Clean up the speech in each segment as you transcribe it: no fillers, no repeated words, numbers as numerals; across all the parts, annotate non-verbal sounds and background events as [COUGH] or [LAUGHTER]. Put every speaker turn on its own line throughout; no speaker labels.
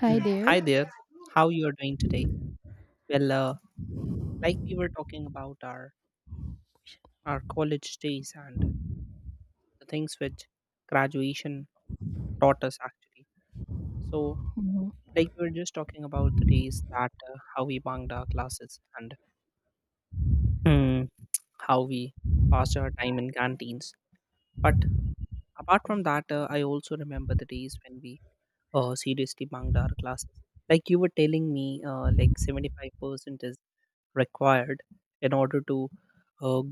Hi
Mm.
there.
Hi there. How you are doing today? Well, like we were talking about our college days and the things which graduation taught us actually. So, like we were just talking about the days that how we bunked our classes and mm, how we passed our time in canteens. But apart from that, I also remember the days when we seriously bunked our classes. Like you were telling me, like 75% is required in order to uh,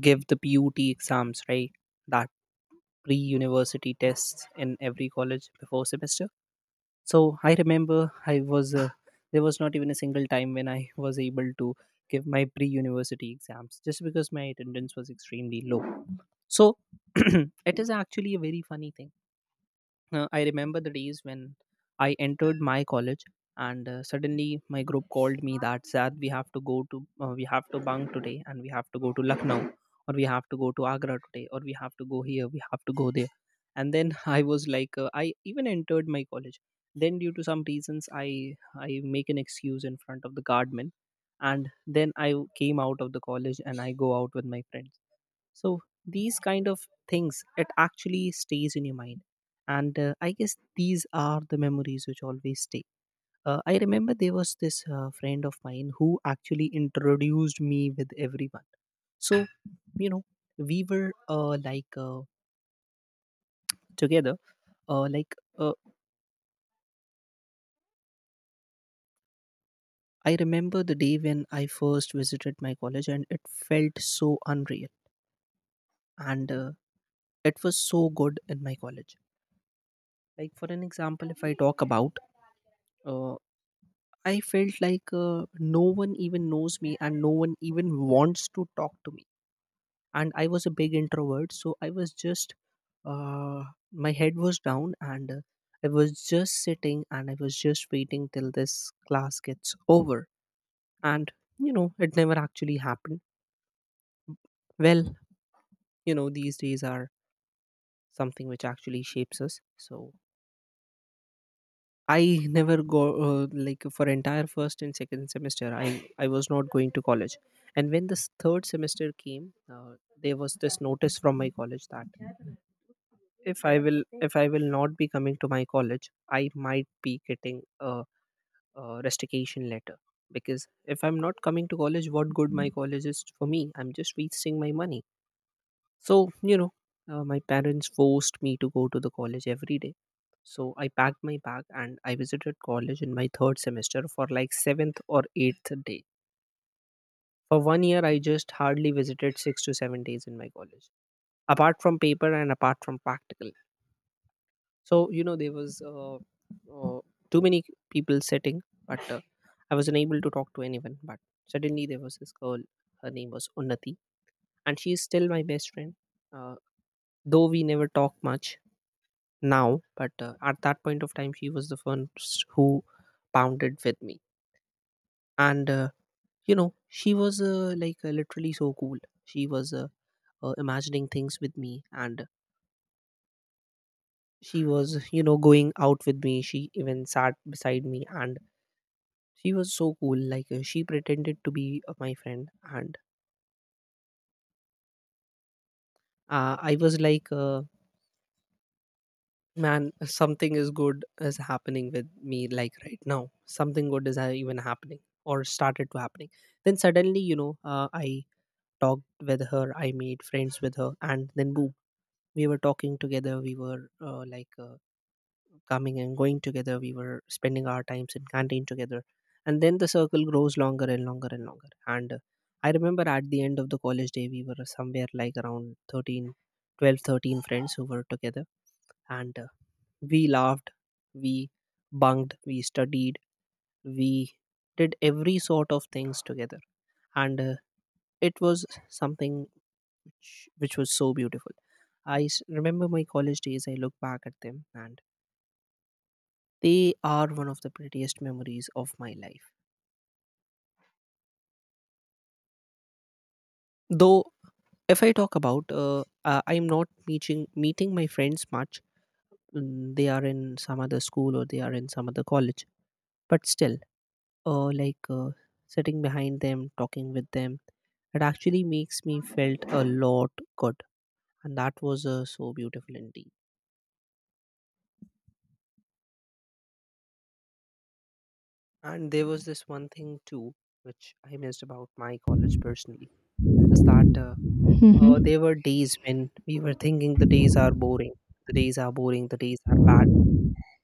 give the put exams right, that pre-university tests in every college before semester. So I remember I was there was not even a single time when I was able to give my pre-university exams just because my attendance was extremely low. So [CLEARS THROAT] it is actually a very funny thing. I remember the days when I entered my college, and suddenly my group called me that Zad, we have to go to we have to bunk today, and we have to go to Lucknow, or we have to go to Agra today, or we have to go here, we have to go there. And then [LAUGHS] I was like, I even entered my college. Then due to some reasons, I make an excuse in front of the guardman, and then I came out of the college and I go out with my friends. So these kind of things, it actually stays in your mind, and I guess these are the memories which always stay. I remember there was this friend of mine who actually introduced me with everyone. So you know, we were together uh, like uh, I remember the day when I first visited my college and it felt so unreal. And it was so good in my college. Like for an example, if I talk about, uh, I felt like no one even knows me and no one even wants to talk to me. And I was a big introvert, so I was just, uh, my head was down and I was just sitting and I was just waiting till this class gets over. And, you know, it never actually happened. Well, you know, these days are something which actually shapes us. So I never go like for entire first and second semester. I was not going to college, and when this third semester came, there was this notice from my college that if I will if I will not be coming to my college, I might be getting a restriction letter, because if I'm not coming to college, what good my college is for me? I'm just wasting my money. So, you know, my parents forced me to go to the college every day. So I packed my bag and I visited college in my third semester for like seventh or eighth day. For one year, I just hardly visited 6 to 7 days in my college, apart from paper and apart from practical. So, you know, there was too many people sitting, but I was unable to talk to anyone. But suddenly, there was this girl, her name was Unnati, and she is still my best friend. Uh, though we never talk much now, but at that point of time, she was the first who pounded with me. And, you know, she was literally so cool. She was imagining things with me, and she was, you know, going out with me. She even sat beside me, and she was so cool. Like, she pretended to be my friend. And I was like, man, something is good is happening with me, like right now something good is even happening or started to happening. Then suddenly, you know, I talked with her, I made friends with her, and then boom, we were talking together, we were coming and going together, we were spending our times in canteen together. And then the circle grows longer and longer and longer, and I remember at the end of the college day we were somewhere like around 13, 12, 13 friends who were together. And we laughed, we bunked, we studied, we did every sort of things together, and it was something which was so beautiful. Remember my college days. I look back at them, and they are one of the prettiest memories of my life. Though, if I talk about, I am not meeting my friends much. Mm, they are in some other school or they are in some other college. But still, uh, like uh, sitting behind them, talking with them, it actually makes me felt a lot good, and that was so beautiful indeed. And there was this one thing too, which I missed about my college personally, is that
Mm-hmm.
there were days when we were thinking the days are boring, the days are boring, the days are bad,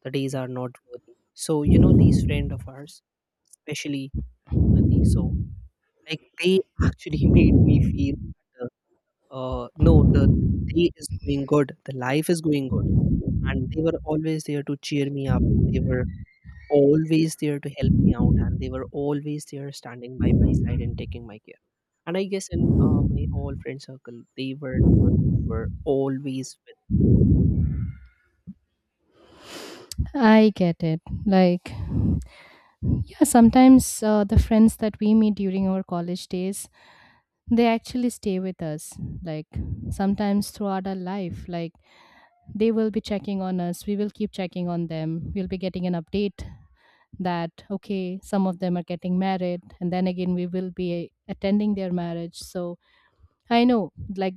the days are not worthy. So you know, these friend of ours, especially Unati. So like they actually [LAUGHS] made me feel that, uh, no, the day is going good, the life is going good. And they were always there to cheer me up. They were always there to help me out, and they were always there standing by my side and taking my care. And I guess in my all friend circle, they were the one who were always with.
I get it. Like, yeah, sometimes the friends that we meet during our college days, they actually stay with us. Like, sometimes throughout our life, like, they will be checking on us. We will keep checking on them. We'll be getting an update that, okay, some of them are getting married. And then again, we will be attending their marriage. So I know, like,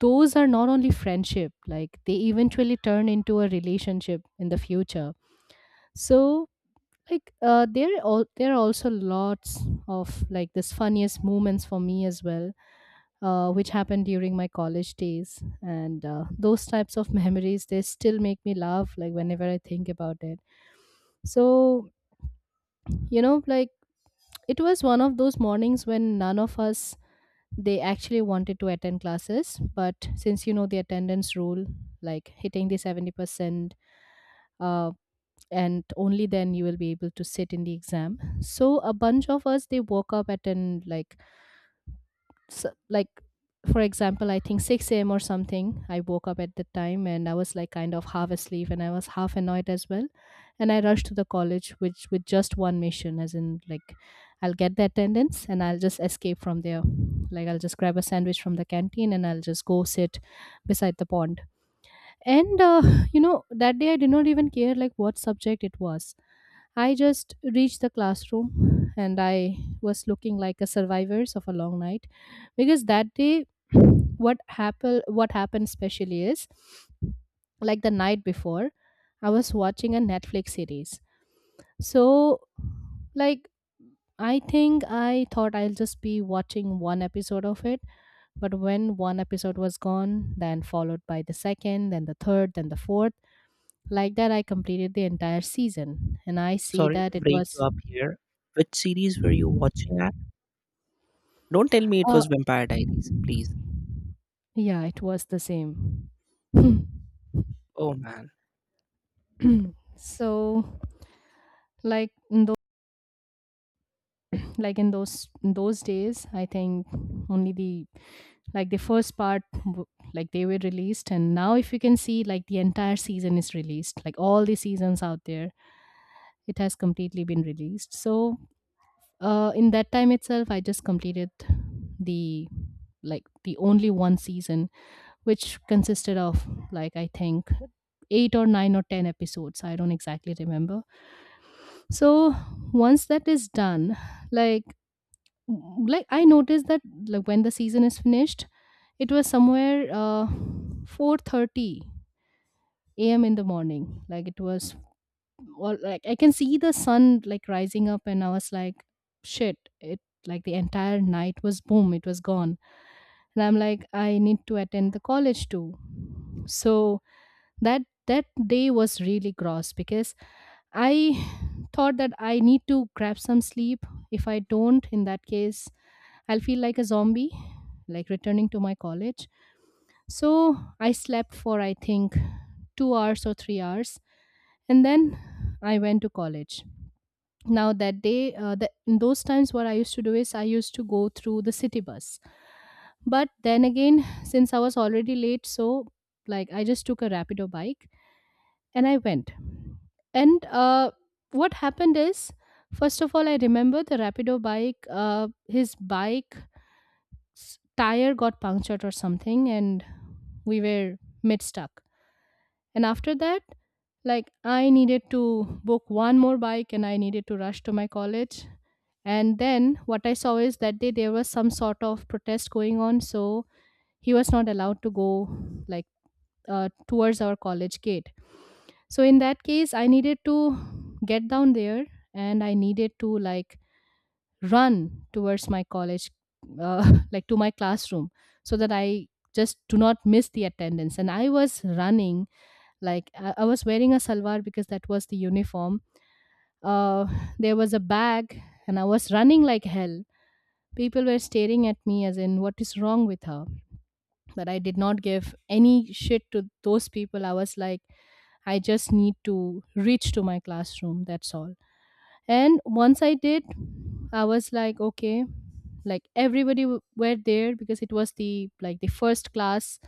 those are not only friendship, like, they eventually turn into a relationship in the future. So like there are also lots of like this funniest moments for me as well, which happened during my college days. And those types of [LAUGHS] memories, they still make me laugh like whenever I think about it. So you know, like it was one of those mornings when none of us, they actually wanted to attend classes, but since you know, the attendance rule, like hitting the 70%, uh, and only then you will be able to sit in the exam. So a bunch of us, they woke up at an like s like for example, I think 6 a.m or something. I woke up at the time and I was like kind of half asleep and I was half annoyed as well. And I rushed to the college, which with just one mission, as in like, I'll get the attendance and I'll just escape from there. Like I'll just grab a sandwich from the canteen and I'll just go sit beside the pond. And you know, that day I did not even care like what subject it was. I just reached the classroom and I was looking like a survivors of a long night, because that day [CLEARS THROAT] what happened especially is, like the night before I was watching a Netflix series. So like I think I thought I'll just be watching one episode of it, but when one episode was gone, then followed by the second, then the third, then the fourth, like that I completed the entire season. And I see
Sorry to
that it
break you
was
up here. Which series were you watching at? Don't tell me it
Uh
was Vampire Diaries, please.
Yeah, it was the same. [LAUGHS]
Oh man.
So, like like in those days, I think only the like the first part like they were released, and now if you can see like the entire season is released, like all the seasons out there, it has completely been released. So, in that time itself, I just completed the like the only one season, which consisted of like I think 8 or 9 or 10 episodes. I don't exactly remember. So once that is done, like I noticed that, like when the season is finished, it was somewhere 4:30 a.m. in the morning. Like it was all like I can see the sun like rising up and I was like shit, it like the entire night was boom, it was gone. And I'm like I need to attend the college too. So that that day was really gross because I [SIGHS] thought that I need to grab some sleep. If I don't, in that case I'll feel like a zombie, like returning to my college. So I slept for I think 2 hours or 3 hours, and then I went to college. Now that day, the, in those times what I used to do is I used to go through the city bus, but then again, since I was already late, so like I just took a rapido bike and I went. And what happened is, first of all, I remember the Rapido bike, his bike tire got punctured or something, and we were mid stuck. And after that, like I needed to book one more bike and I needed to rush to my college. And then what I saw is that day there was some sort of protest going on, so he was not allowed to go like towards our college gate. So in that case, I needed to get down there and I needed to like run towards my college, [LAUGHS] like to my classroom, so that I just do not miss the attendance. And I was running, like I was wearing a salwar because that was the uniform. Uh, there was a bag, and I was running like hell. People were staring at me as in, what is wrong with her? But I did not give any shit to those people. I was like, I just need to reach to my classroom. That's all. And once I did, I was like, okay, like everybody were there because it was the like the first class,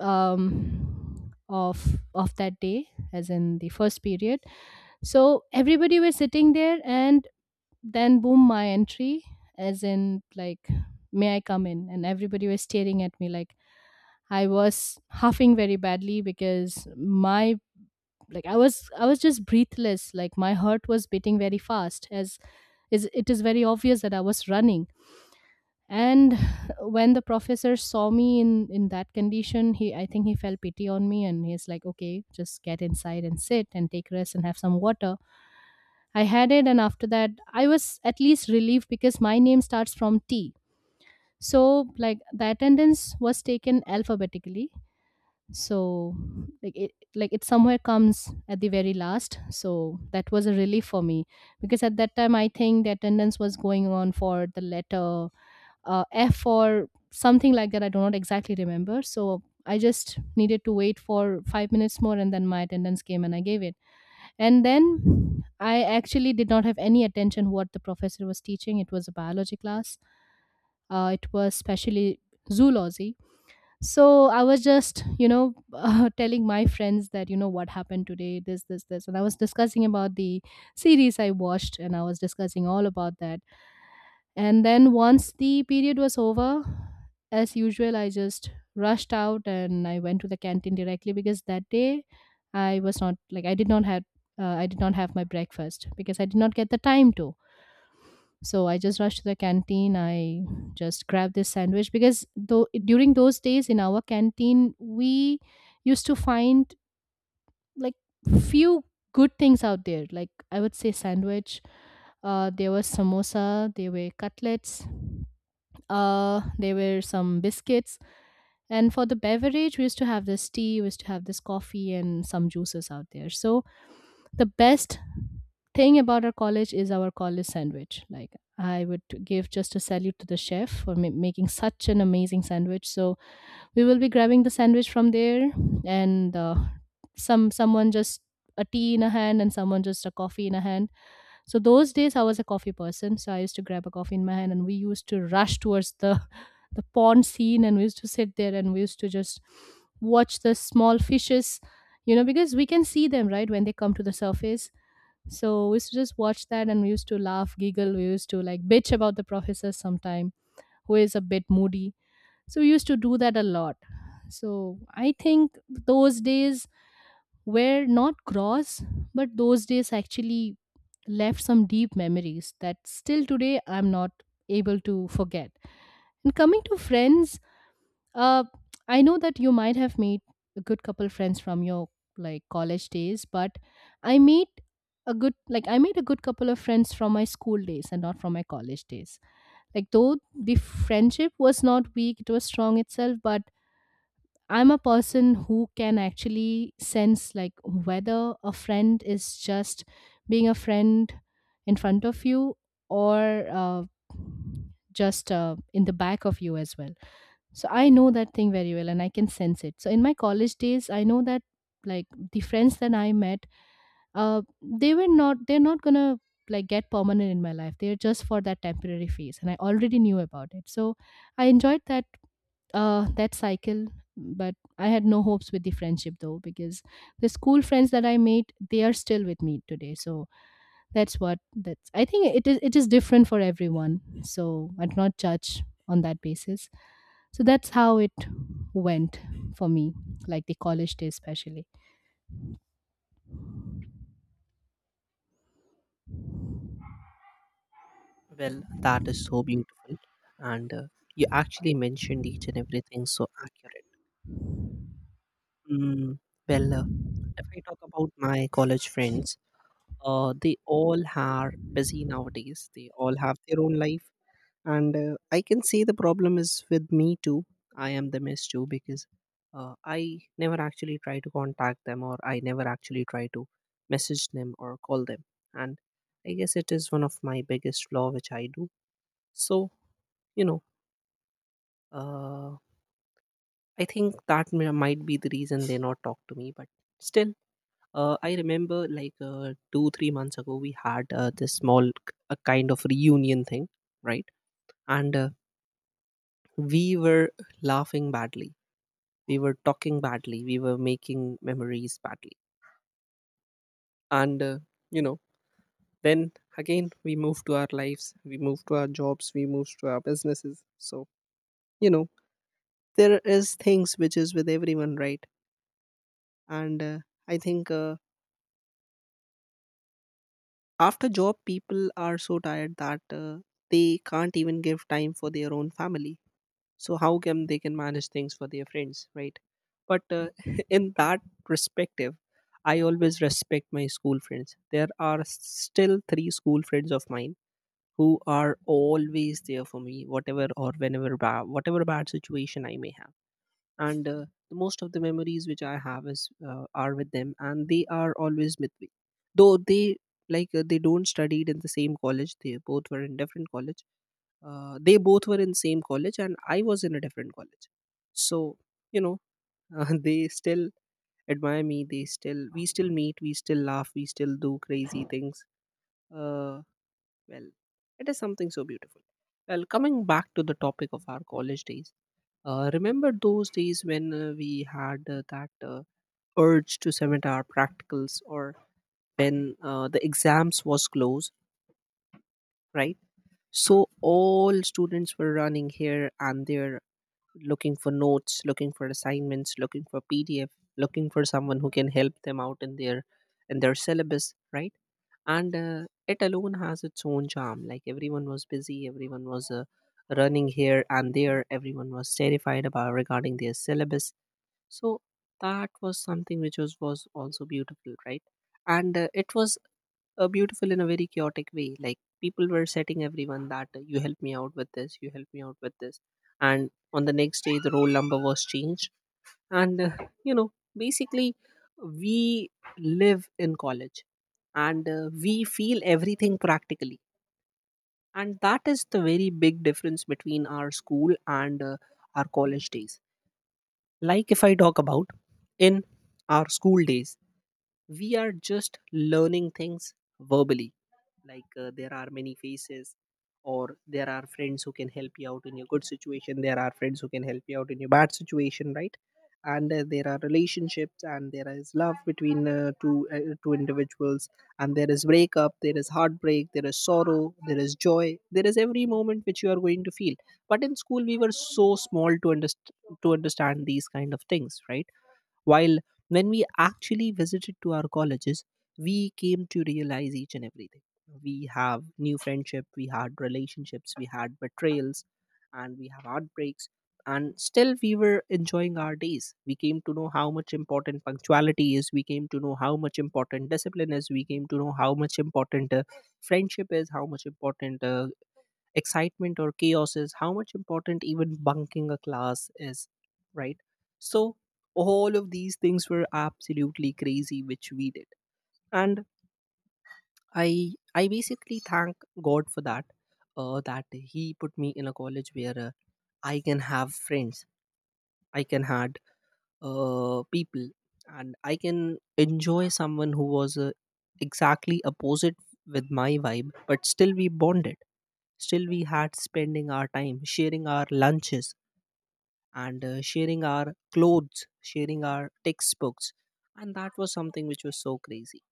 of that day, as in the first period. So everybody was sitting there, and then boom, my entry, as in like, may I come in? And everybody was staring at me like. I was huffing very badly because my like I was just breathless, like my heart was beating very fast, as is it is very obvious that I was running. And [SIGHS] when the professor saw me in that condition, he I think he felt pity on me and he's like okay just get inside and sit and take rest and have some water. I had it, and after that I was at least relieved because my name starts from T. So like the attendance was taken alphabetically, so like it somewhere comes at the very last, so that was a relief for me, because at that time I think the attendance was going on for the letter F or something like that. I do not exactly remember. So I just needed to wait for 5 minutes more, and then my attendance came and I gave it. And then I actually did not have any attention what the professor was teaching. It was a biology class. It was specially zoology. So I was just you know [LAUGHS] telling my friends that you know what happened today, this this this. And I was discussing about the series I watched and I was discussing all about that. And then once the period was over, as usual I just rushed out and I went to the canteen directly, because that day I was not like I did not have I did not have my breakfast because I did not get the time to. So I just rushed to the canteen. I just grabbed this sandwich, because though during those days in our canteen we used to find like few good things out there. Like I would say sandwich, there was samosa, there were cutlets, there were some biscuits. And for the beverage, we used to have this tea, we used to have this coffee, and some juices out there. So, the best thing about our college is our college sandwich. Like, I would give just a salute to the chef for making such an amazing sandwich. So, we will be grabbing the sandwich from there, and someone just a tea in a hand, and someone just a coffee in a hand. So those days I was a coffee person, so I used to grab a coffee in my hand and we used to rush towards the [LAUGHS] the pond scene, and we used to sit there and we used to just watch the small fishes, you know, because we can see them, right, when they come to the surface. So we used to just watch that and we used to laugh, giggle, we used to like bitch about the professor sometime, who is a bit moody. So we used to do that a lot. So I think those days were not gross, but those days actually left some deep memories that still today I'm not able to forget. And coming to friends, uh, I know that you might have made a good couple friends from your like college days, but I made a good like I made a good couple of friends from my school days and not from my college days. Like though the friendship was not weak, it was strong itself, but I'm a person who can actually sense like whether a friend is just being a friend in front of you or just in the back of you as well. So I know that thing very well and I can sense it. So in my college days, I know that like the friends that I met, they were not, they're not gonna like get permanent in my life. They're just for that temporary phase and I already knew about it. So I enjoyed that that cycle. But I had no hopes with the friendship though, because the school friends that I made, they are still with me today. So that's what that's. I think it is different for everyone. So I'd not judge on that basis. So that's how it went for me, like the college day especially.
Well, that is so beautiful, and you actually mentioned each and everything so accurate. Mm, well, if I talk about my college friends. They all are busy nowadays. They all have their own life. And I can say the problem is with me too. I am the mess too, because I never actually try to contact them or I never actually try to message them or call them. And I guess it is one of my biggest flaw which I do. So, you know, uh, I think that might be the reason they not talk to me. But still, I remember like 2 3 months ago we had this small a kind of reunion thing, right. And we were laughing badly, we were talking badly, we were making memories badly. And you know, then again we move to our lives, we move to our jobs, we move to our businesses. So you know, there is things which is with everyone, right. And I think after job people are so tired that they can't even give time for their own family. So how can they can manage things for their friends, right? But [LAUGHS] in that perspective, I always respect my school friends. There are still three school friends of mine who are always there for me whatever or whenever whatever bad situation I may have. And most of the memories which I have is are with them, and they are always with me. Though they they don't studied in the same college, they both were in different college. They both were in same college and I was in a different college. So you know, [LAUGHS] they still admire me, they still we still meet, we still laugh, we still do crazy things. uh, well, it is something so beautiful. Well, coming back to the topic of our college days, remember those days when we had that urge to submit our practicals or when the exams was close, right? So all students were running here and there, looking for notes, looking for assignments, looking for PDF, looking for someone who can help them out in their syllabus, right? And it alone has its own charm. Like everyone was busy, everyone was running here and there, everyone was terrified about regarding their syllabus. So that was something which was also beautiful, right? And it was beautiful in a very chaotic way. Like people were setting everyone that you help me out with this, you help me out with this, and on the next day the roll number was changed. And basically we live in college, and we feel everything practically, and that is the very big difference between our school and our college days. Like if I talk about in our school days, we are just learning things verbally. Like there are many faces, or there are friends who can help you out in your good situation, there are friends who can help you out in your bad situation, right? And there are relationships, and there is love between two individuals, and there is breakup, there is heartbreak, there is sorrow, there is joy, there is every moment which you are going to feel. But in school we were so small to to understand these kind of things, right? While when we actually visited to our colleges, we came to realize each and everything. We have new friendship, we had relationships, we had betrayals, and we have heartbreaks. And still, we were enjoying our days. We came to know how much important punctuality is. We came to know how much important discipline is. We came to know how much important friendship is, how much important excitement or chaos is, how much important even bunking a class is, right? So all of these things were absolutely crazy, which we did. And i I basically thank God for that, that he put me in a college where I can have friends, I can had people, and I can enjoy someone who was exactly opposite with my vibe, but still we bonded, still we had spending our time, sharing our lunches, and sharing our clothes, sharing our textbooks. And that was something which was so crazy.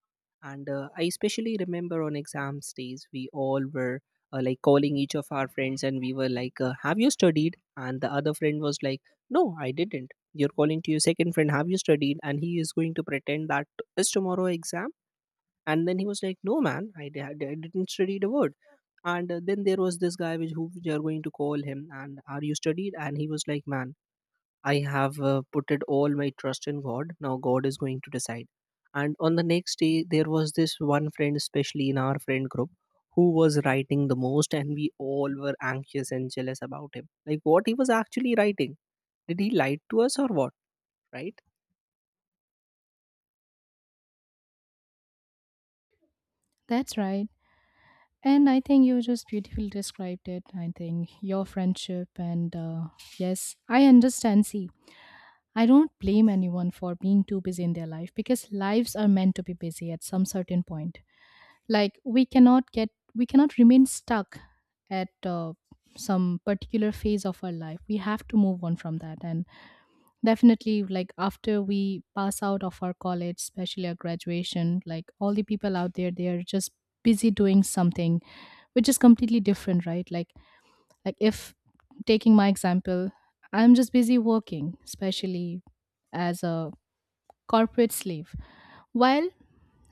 And I especially remember on exams days, we all were like calling each of our friends, and we were like, have you studied? And the other friend was like, no, I didn't. You're calling to your second friend, have you studied? And he is going to pretend that is tomorrow exam. And then he was like, no, man, I didn't study a word. And then there was this guy which who we are going to call him and are you studied, and he was like, man, I have put it all my trust in God. Now God is going to decide. And on the next day, there was this one friend, especially in our friend group, who was writing the most, and we all were anxious and jealous about him. Like what he was actually writing. Did he lie to us or what? Right?
That's right. And I think you just beautifully described it. I think your friendship and Yes, I understand. See, I don't blame anyone for being too busy in their life because lives are meant to be busy at some certain point. Like we cannot remain stuck at some particular phase of our life. We have to move on from that. And definitely, like after we pass out of our college, especially our graduation, like all the people out there they are just busy doing something which is completely different, right? Like if taking my example, I'm just busy working, especially as a corporate sleeve, while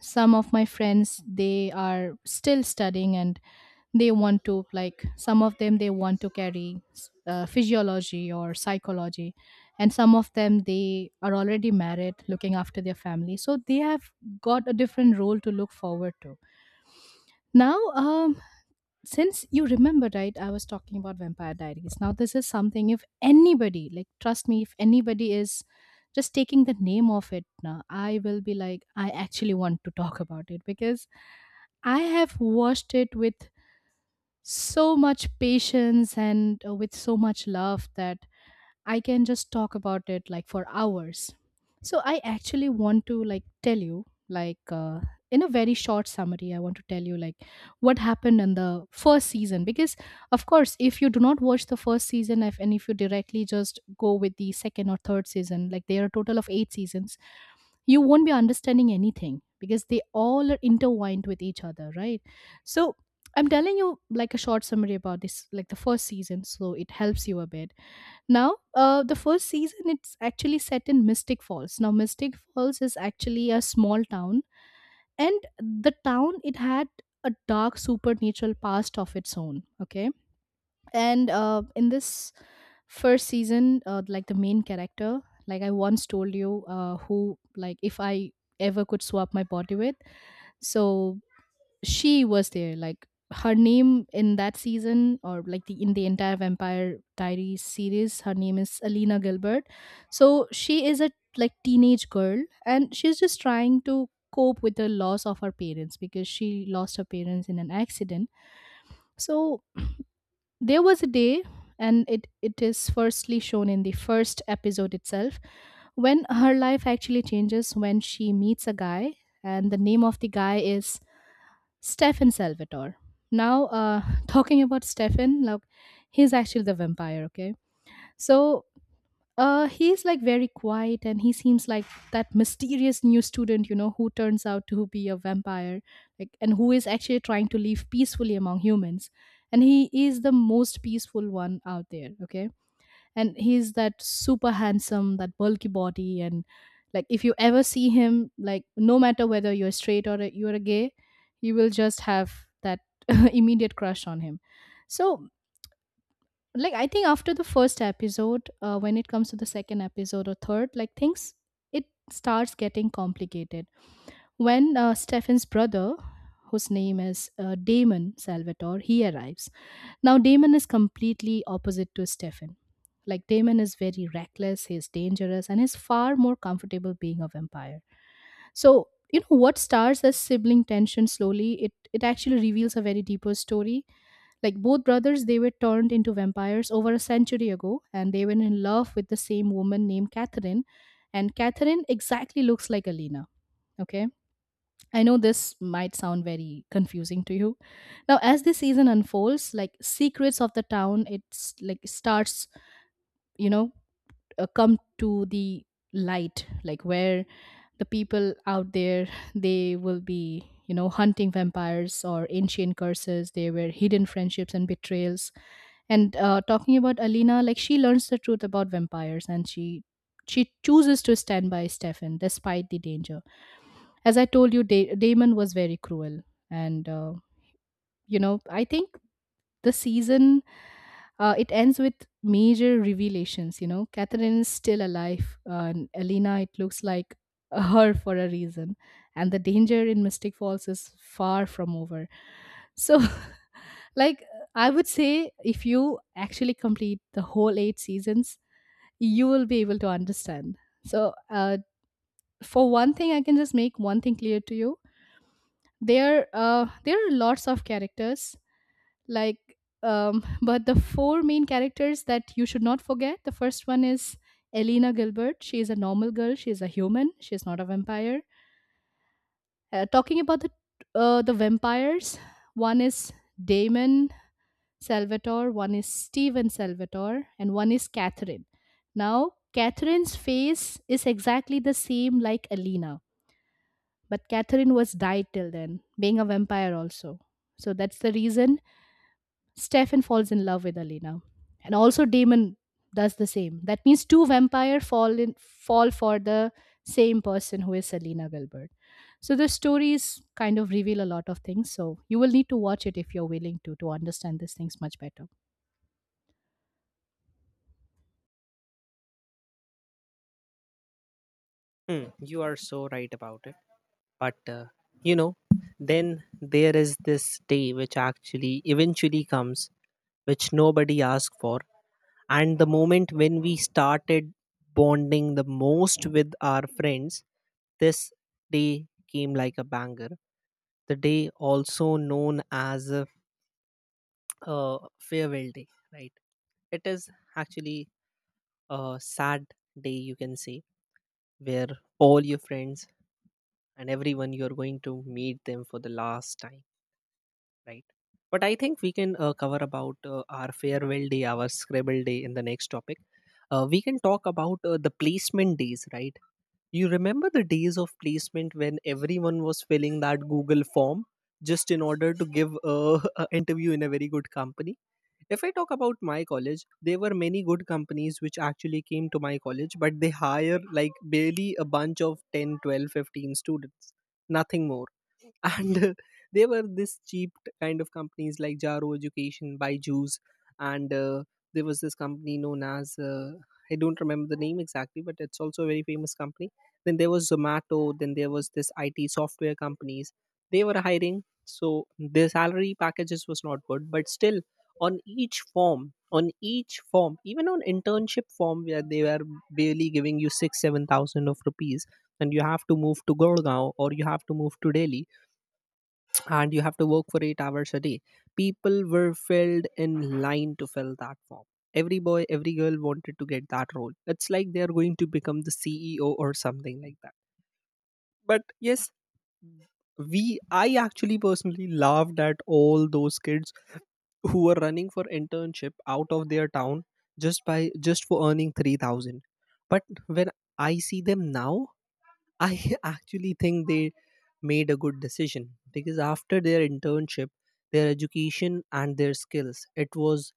some of my friends they are still studying, and they want to like some of them they want to carry physiology or psychology, and some of them they are already married, looking after their family, so they have got a different role to look forward to now. Since you remember, right, I was talking about Vampire Diaries. Now this is something, if anybody, like, trust me, if anybody is just taking the name of it now, I will be like, I actually want to talk about it, because I have watched it with so much patience and with so much love that I can just talk about it like for hours. So I actually want to like tell you, like in a very short summary, I want to tell you like what happened in the first season, because of course if you do not watch the first season, if, and if you directly just go with the second or third season, like there are a total of 8 seasons, you won't be understanding anything, because they all are intertwined with each other, right? So I'm telling you like a short summary about this, like the first season, so it helps you a bit. Now, the first season, it's actually set in Mystic Falls. Now, Mystic Falls is actually a small town, and the town, it had a dark supernatural past of its own. Okay. And in this first season, like the main character, like I once told you, who, like, if I ever could swap my body with, so she was there, like her name in that season, or like the in the entire Vampire Diaries series, her name is Alina Gilbert. So she is a like teenage girl, and she's just trying to cope with the loss of her parents because she lost her parents in an accident. So there was a day, and it is firstly shown in the first episode itself, when her life actually changes, when she meets a guy, and the name of the guy is Stefan Salvatore. Now, [LAUGHS] talking about Stefan, like he's actually the vampire. Okay, so he's like very quiet, and he seems like that mysterious new student, who turns out to be a vampire, like, and who is actually trying to live peacefully among humans, and he is the most peaceful one out there. Okay. And he's that super handsome, that bulky body, and like if you ever see him, like no matter whether you're straight or you're a gay, you will just have that [LAUGHS] immediate crush on him. So like I think after the first episode, when it comes to the second episode or third, like things, it starts getting complicated when Stephen's brother, whose name is Damon Salvatore, he arrives. Now, Damon is completely opposite to Stefan. Like, Damon is very reckless, he's dangerous, and he's far more comfortable being a vampire. So, what starts as sibling tension slowly, it actually reveals a very deeper story. Like, both brothers, they were turned into vampires over a century ago, and they were in love with the same woman named Catherine. And Catherine exactly looks like Alina, okay? I know this might sound very confusing to you. Now, as the season unfolds, like secrets of the town, it's like starts, you know, come to the light, like where the people out there, they will be hunting vampires or ancient curses. There were hidden friendships and betrayals. And talking about Alina, like she learns the truth about vampires, and she chooses to stand by Stefan despite the danger. As I told you, Damon was very cruel, and I think the season, it ends with major revelations. Catherine is still alive, and Elena, it looks like [LAUGHS] her for a reason, and the danger in Mystic Falls is far from over. So, [LAUGHS] like, I would say if you actually complete the whole 8 seasons, you will be able to understand. So, for one thing, I can just make one thing clear to you. There are lots of characters, like [LAUGHS] but the four main characters that you should not forget, the first one is Elena Gilbert. She is a normal girl, she is a human, she is not a vampire. Talking about the, the vampires, one is Damon Salvatore, one is Steven Salvatore, and one is Catherine. Now Catherine's face is exactly the same like Elena, but Catherine was died till then, being a vampire also, so that's the reason Stefan falls in love with Alina, and also Damon does the same. That means two vampire fall for the same person, who is Selena Wilbert. So the stories kind of reveal a lot of things. So you will need to watch it if you're willing to understand these things much better.
Hmm, you are so right about it. But, you know, then there is this day which actually eventually comes, which nobody asked for, and the moment when we started bonding the most with our friends, this day came like a banger, the day also known as a, uh, farewell day, right? It is actually a sad day, you can say, where all your friends and everyone you're going to meet them for the last time, right? But I think we can cover about our farewell day, our scribble day in the next topic. We can talk about the placement days, right? You remember the days of placement when everyone was filling that Google form just in order to give [LAUGHS] an interview in a very good company. If I talk about my college, there were many good companies which actually came to my college, but they hire like barely a bunch of 10, 12, 15 students, nothing more. And [LAUGHS] they were this cheap kind of companies, like Jaro Education, Byju's, and there was this company known as I don't remember the name exactly, but it's also a very famous company. Then there was Zomato, then there was this IT software companies. They were hiring, so their salary packages was not good, but still on each form, even on internship form, where they were barely giving you 6, 7,000 of rupees, and you have to move to Gurgaon, or you have to move to Delhi and you have to work for 8 hours a day. People were filled in line to fill that form. Every boy, every girl wanted to get that role. It's like they are going to become the CEO or something like that. But yes, we I actually personally laughed at all those kids who were running for internship out of their town just by just for earning 3,000. But when I see them now, I [LAUGHS] actually think they made a good decision, because after their internship, their education and their skills, it was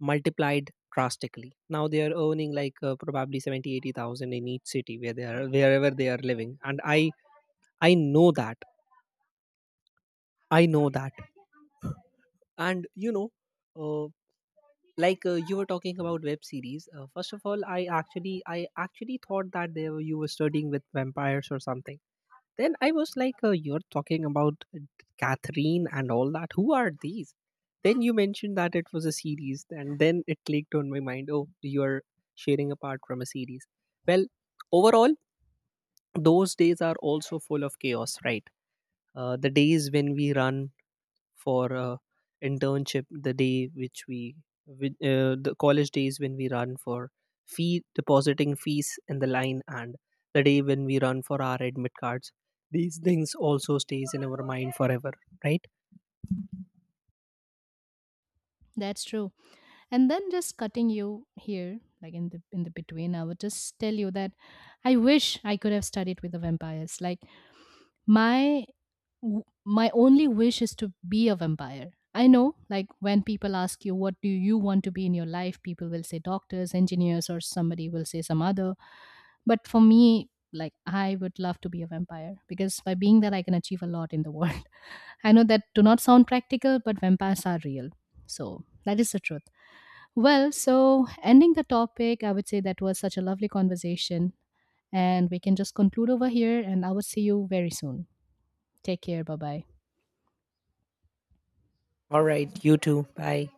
multiplied drastically. Now they are earning like probably 70, 80,000 in each city where they are, wherever they are living. And I know that. I know that. And you know, uh, like you were talking about web series. First of all, I actually thought that you were studying with vampires or something. Then I was like, you're talking about Catherine and all that. Who are these? Then you mentioned that it was a series, and then it clicked on my mind. Oh, you're sharing apart from a series. Well, overall, those days are also full of chaos, right? The days when we run for a internship, the day which we with, the college days when we run for fee, depositing fees in the line, and the day when we run for our admit cards, these things also stays in our mind forever, right?
That's true. And then just cutting you here, like in the between, I would just tell you that I wish I could have studied with the vampires. Like my my only wish is to be a vampire. I know, like when people ask you, what do you want to be in your life? People will say doctors, engineers, or somebody will say some other. But for me, like I would love to be a vampire because by being that, I can achieve a lot in the world. [LAUGHS] I know that do not sound practical, but vampires are real. So that is the truth. Well, so ending the topic, I would say that was such a lovely conversation. And we can just conclude over here, and I will see you very soon. Take care. Bye bye.
All right, you too, bye.